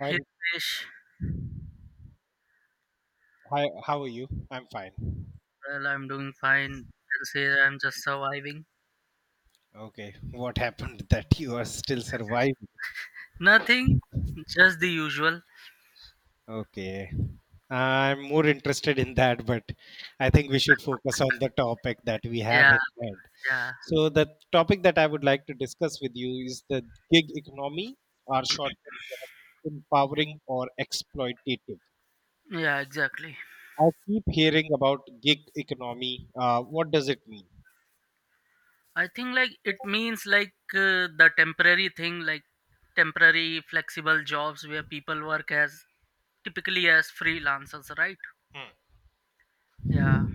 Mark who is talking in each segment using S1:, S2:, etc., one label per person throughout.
S1: Hi,
S2: Hey Fish,
S1: hi, how are you? I'm fine.
S2: well, I'm doing fine. You can say I'm just surviving.
S1: Okay, what happened that you are still surviving?
S2: Nothing, just the usual.
S1: Okay, I'm more interested in that, but I think we should focus on the topic that we have
S2: Yeah,
S1: in mind.
S2: yeah,
S1: So, the topic that I would like to discuss with you is the gig economy, or short empowering or exploitative.
S2: yeah, exactly.
S1: I keep hearing about gig economy. What does it mean?
S2: I think like it means like the temporary thing, like temporary flexible jobs where people work as typically as freelancers, right? Yeah,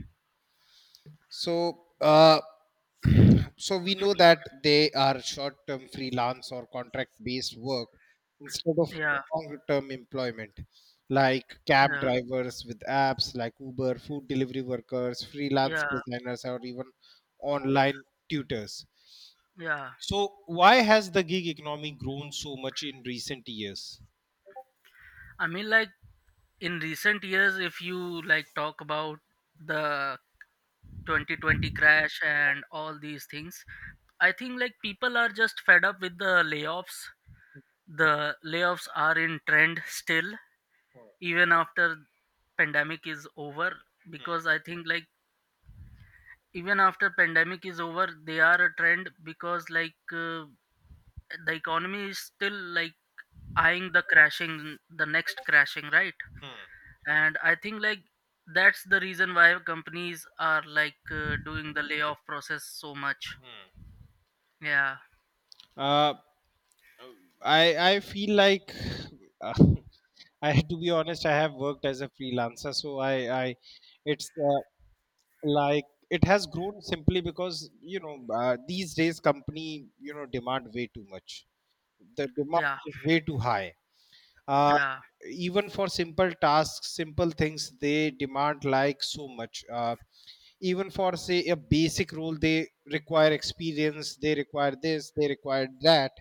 S1: So, we know that they are short-term freelance or contract-based work instead of
S2: yeah,
S1: long-term employment, like cab
S2: yeah,
S1: drivers with apps like Uber, food delivery workers, freelance
S2: yeah,
S1: designers, or even online tutors.
S2: yeah.
S1: So, why has the gig economy grown so much in recent years?
S2: I mean, like in recent years, if you like talk about the 2020 crash and all these things, I think like people are just fed up with the layoffs. The layoffs are in trend still, even after pandemic is over, because I think like even after pandemic is over, they are a trend because like the economy is still like eyeing the crashing, the next crashing, right?
S1: Hmm.
S2: And I think like that's the reason why companies are like doing the layoff process so much. Yeah,
S1: Uh, I I feel like uh, I to be honest, I have worked as a freelancer, so I it's like it has grown simply because these days company demand way too much. The demand
S2: yeah,
S1: is way too high. Uh,
S2: yeah,
S1: Even for simple tasks, simple things, they demand like so much. Even for say a basic role, they require experience, they require this, they require that,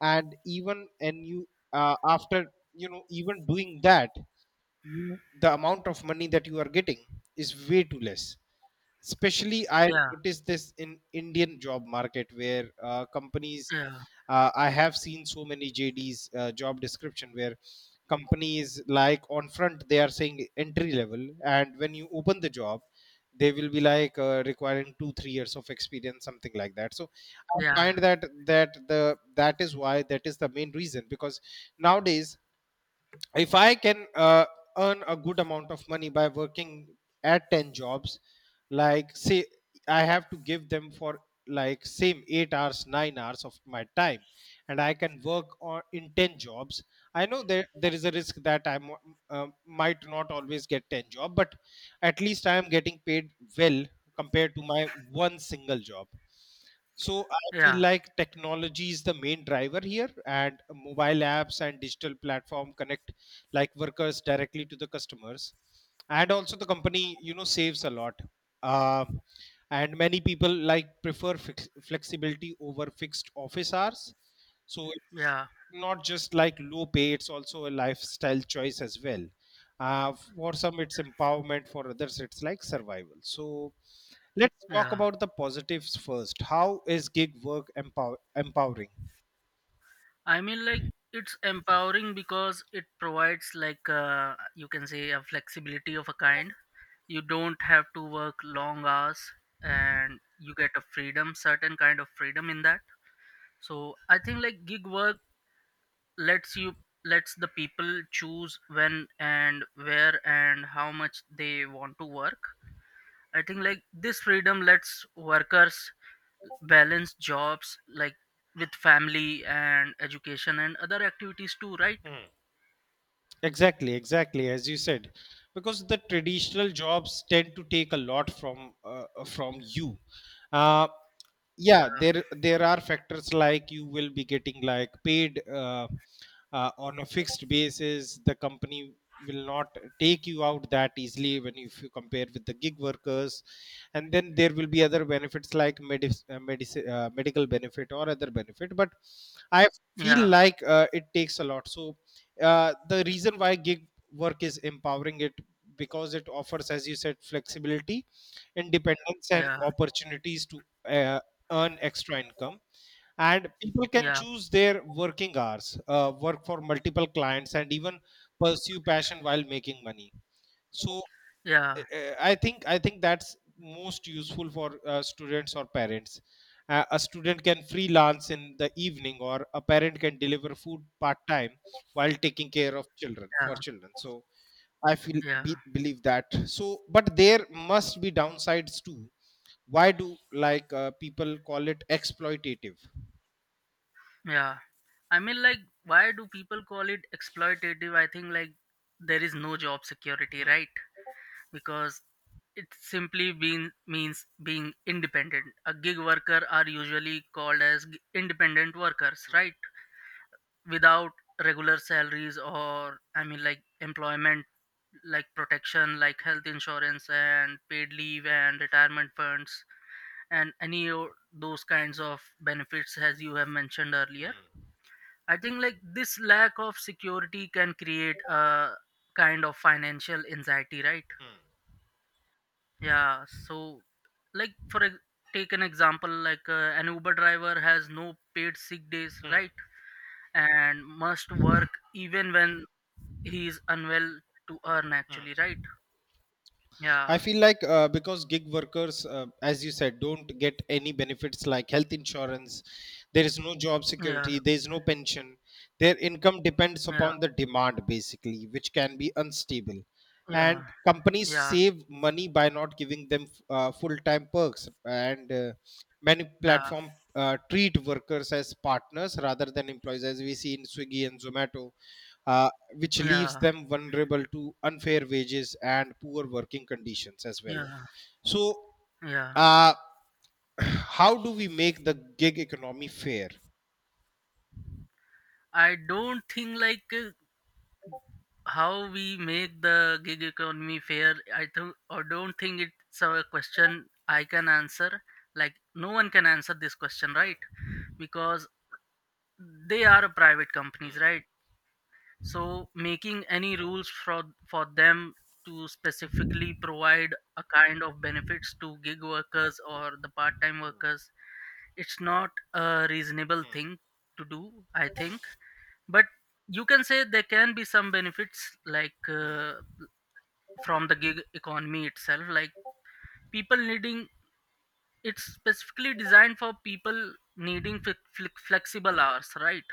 S1: and even and you after even doing that, you the amount of money that you are getting is way too less, especially I
S2: yeah,
S1: noticed this in Indian job market. Where companies
S2: yeah,
S1: I have seen so many JDs, job description, where companies like on front they are saying entry level, and when you open the job they will be like requiring 2 3 years of experience, something like that. So I
S2: yeah,
S1: find that that the that is why, that is the main reason, because nowadays, if I can earn a good amount of money by working at 10 jobs, like say I have to give them for like same 8 hours 9 hours of my time, and I can work on in 10 jobs. I know that there is a risk that I might not always get 10 job, but at least I am getting paid well compared to my one single job. So I feel
S2: yeah,
S1: like technology is the main driver here, and mobile apps and digital platform connect like workers directly to the customers, and also the company saves a lot. uh, and many people like prefer flexibility over fixed office hours. So it's
S2: yeah,
S1: not just like low pay, it's also a lifestyle choice as well. For some it's empowerment, for others it's like survival. So let's talk
S2: yeah.
S1: about the positives first. How is gig work empowering?
S2: I mean, like, it's empowering because it provides, like, you can say, a flexibility of a kind. You don't have to work long hours, and you get a freedom, certain kind of freedom in that. So I think, like, gig work lets you, lets the people choose when and where and how much they want to work. I think, like, this freedom lets workers balance jobs like with family and education and other activities too, right?
S1: Exactly, exactly, as you said, because the traditional jobs tend to take a lot from you. Uh, yeah,
S2: Uh,
S1: there are factors, like you will be getting like paid on a fixed basis. The company will not take you out that easily, if you compare with the gig workers. And then there will be other benefits like medical benefit or other benefit, but I feel
S2: yeah,
S1: like it takes a lot. So the reason why gig work is empowering, it because it offers, as you said, flexibility, independence, and
S2: yeah,
S1: opportunities to earn extra income. And people can
S2: yeah,
S1: choose their working hours, work for multiple clients, and even pursue passion while making money. So
S2: yeah,
S1: I think that's most useful for students or parents. A student can freelance in the evening, or a parent can deliver food part time while taking care of children for
S2: yeah,
S1: children. So I feel
S2: yeah,
S1: believe that. So, but there must be downsides too. Why do like people call it exploitative?
S2: yeah. I mean like, why do people call it exploitative? I think like there is no job security,
S1: Hmm,
S2: right? Because it simply being means being independent. A gig worker are usually called as independent workers, right? Without regular salaries, or I mean like employment, like protection, like health insurance and paid leave and retirement funds, and any of those kinds of benefits as you have mentioned earlier.
S1: hmm.
S2: I think like this lack of security can create a kind of financial anxiety, right? Yeah. So, like, take an example, like an Uber driver has no paid sick days, right? And must work even when he is unwell, to earn actually, right?
S1: I
S2: Yeah,
S1: feel like because gig workers, as you said, don't get any benefits like health insurance, there is no job security,
S2: yeah,
S1: there is no pension, their income depends
S2: yeah,
S1: upon the demand basically, which can be unstable,
S2: yeah.
S1: and companies
S2: Yeah,
S1: save money by not giving them full time perks, and many
S2: yeah,
S1: platform treat workers as partners rather than employees, as we see in Swiggy and Zomato. Uh, which leaves
S2: yeah,
S1: them vulnerable to unfair wages and poor working conditions as well.
S2: yeah,
S1: So,
S2: yeah.
S1: uh, how do we make the gig economy fair?
S2: I don't think like how we make the gig economy fair. Or don't think it's a question I can answer. Like, no one can answer this question, right? Because they are private companies, right? So making any rules for them to specifically provide a kind of benefits to gig workers or the part-time workers. It's not a reasonable thing to do, I think. But you can say there can be some benefits, like from the gig economy itself, like people needing. It's specifically designed for people needing flexible hours, right?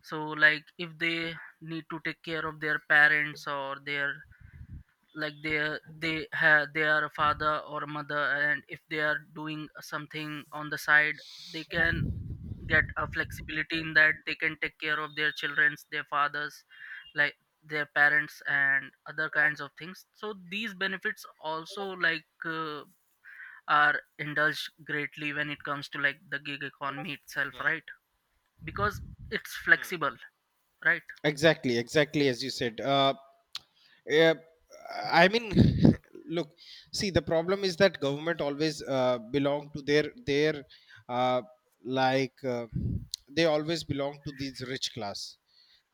S2: So, like if they need to take care of their parents or their, like, they have, they are a father or a mother, and if they are doing something on the side, they can get a flexibility in that, they can take care of their childrens, their fathers, like their parents and other kinds of things. So these benefits also, like, are indulged greatly when it comes to like the gig economy itself, right? Because it's flexible, right?
S1: Exactly, exactly, as you said. Yeah, I mean, look, see, the problem is that government always belong to their uh, like they always belong to these rich class.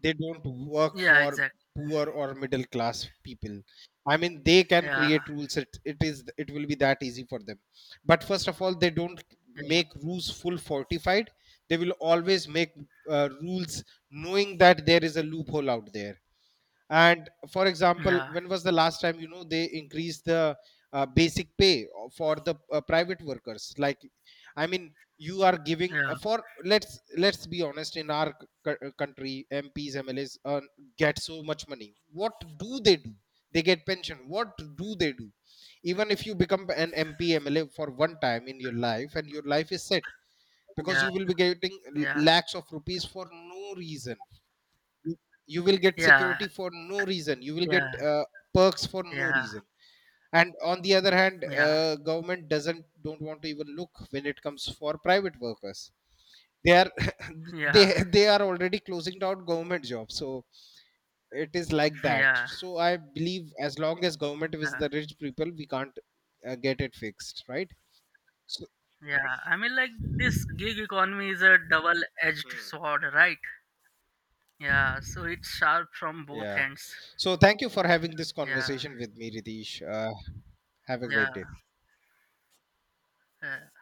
S1: They don't work
S2: Yeah,
S1: for
S2: exactly.
S1: poor or middle class people. I mean, they can
S2: Yeah,
S1: create rules. It will be that easy for them. But first of all, they don't
S2: yeah,
S1: make rules full fortified, they will always make rules knowing that there is a loophole out there. And for example,
S2: yeah,
S1: when was the last time they increased the basic pay for the private workers? Like, I mean, you are giving for, let's be honest, in our country, MPs, MLAs get so much money. What do they do? They get pension. What do they do? Even if you become an MP MLA for one time in your life, and your life is set, because
S2: yeah,
S1: you will be getting
S2: yeah,
S1: lakhs of rupees for no reason. You you will get
S2: yeah,
S1: security for no reason. You will get
S2: yeah,
S1: uh, perks for no
S2: yeah,
S1: reason. And on the other hand,
S2: yeah, yeah,
S1: government doesn't don't want to even look when it comes for private workers. They are they
S2: yeah,
S1: they are already closing down government jobs. So it is like that.
S2: yeah,
S1: So I believe as long as government is
S2: yeah.
S1: the rich people, we can't get it fixed, right? So,
S2: Yeah, I mean, like, this gig economy is a double-edged
S1: hmm.
S2: sword, right? Yeah, so it's sharp from both
S1: Yeah,
S2: ends.
S1: so thank you for having this
S2: Yeah,
S1: conversation with me, Ritesh. Have a great day.
S2: yeah, yeah.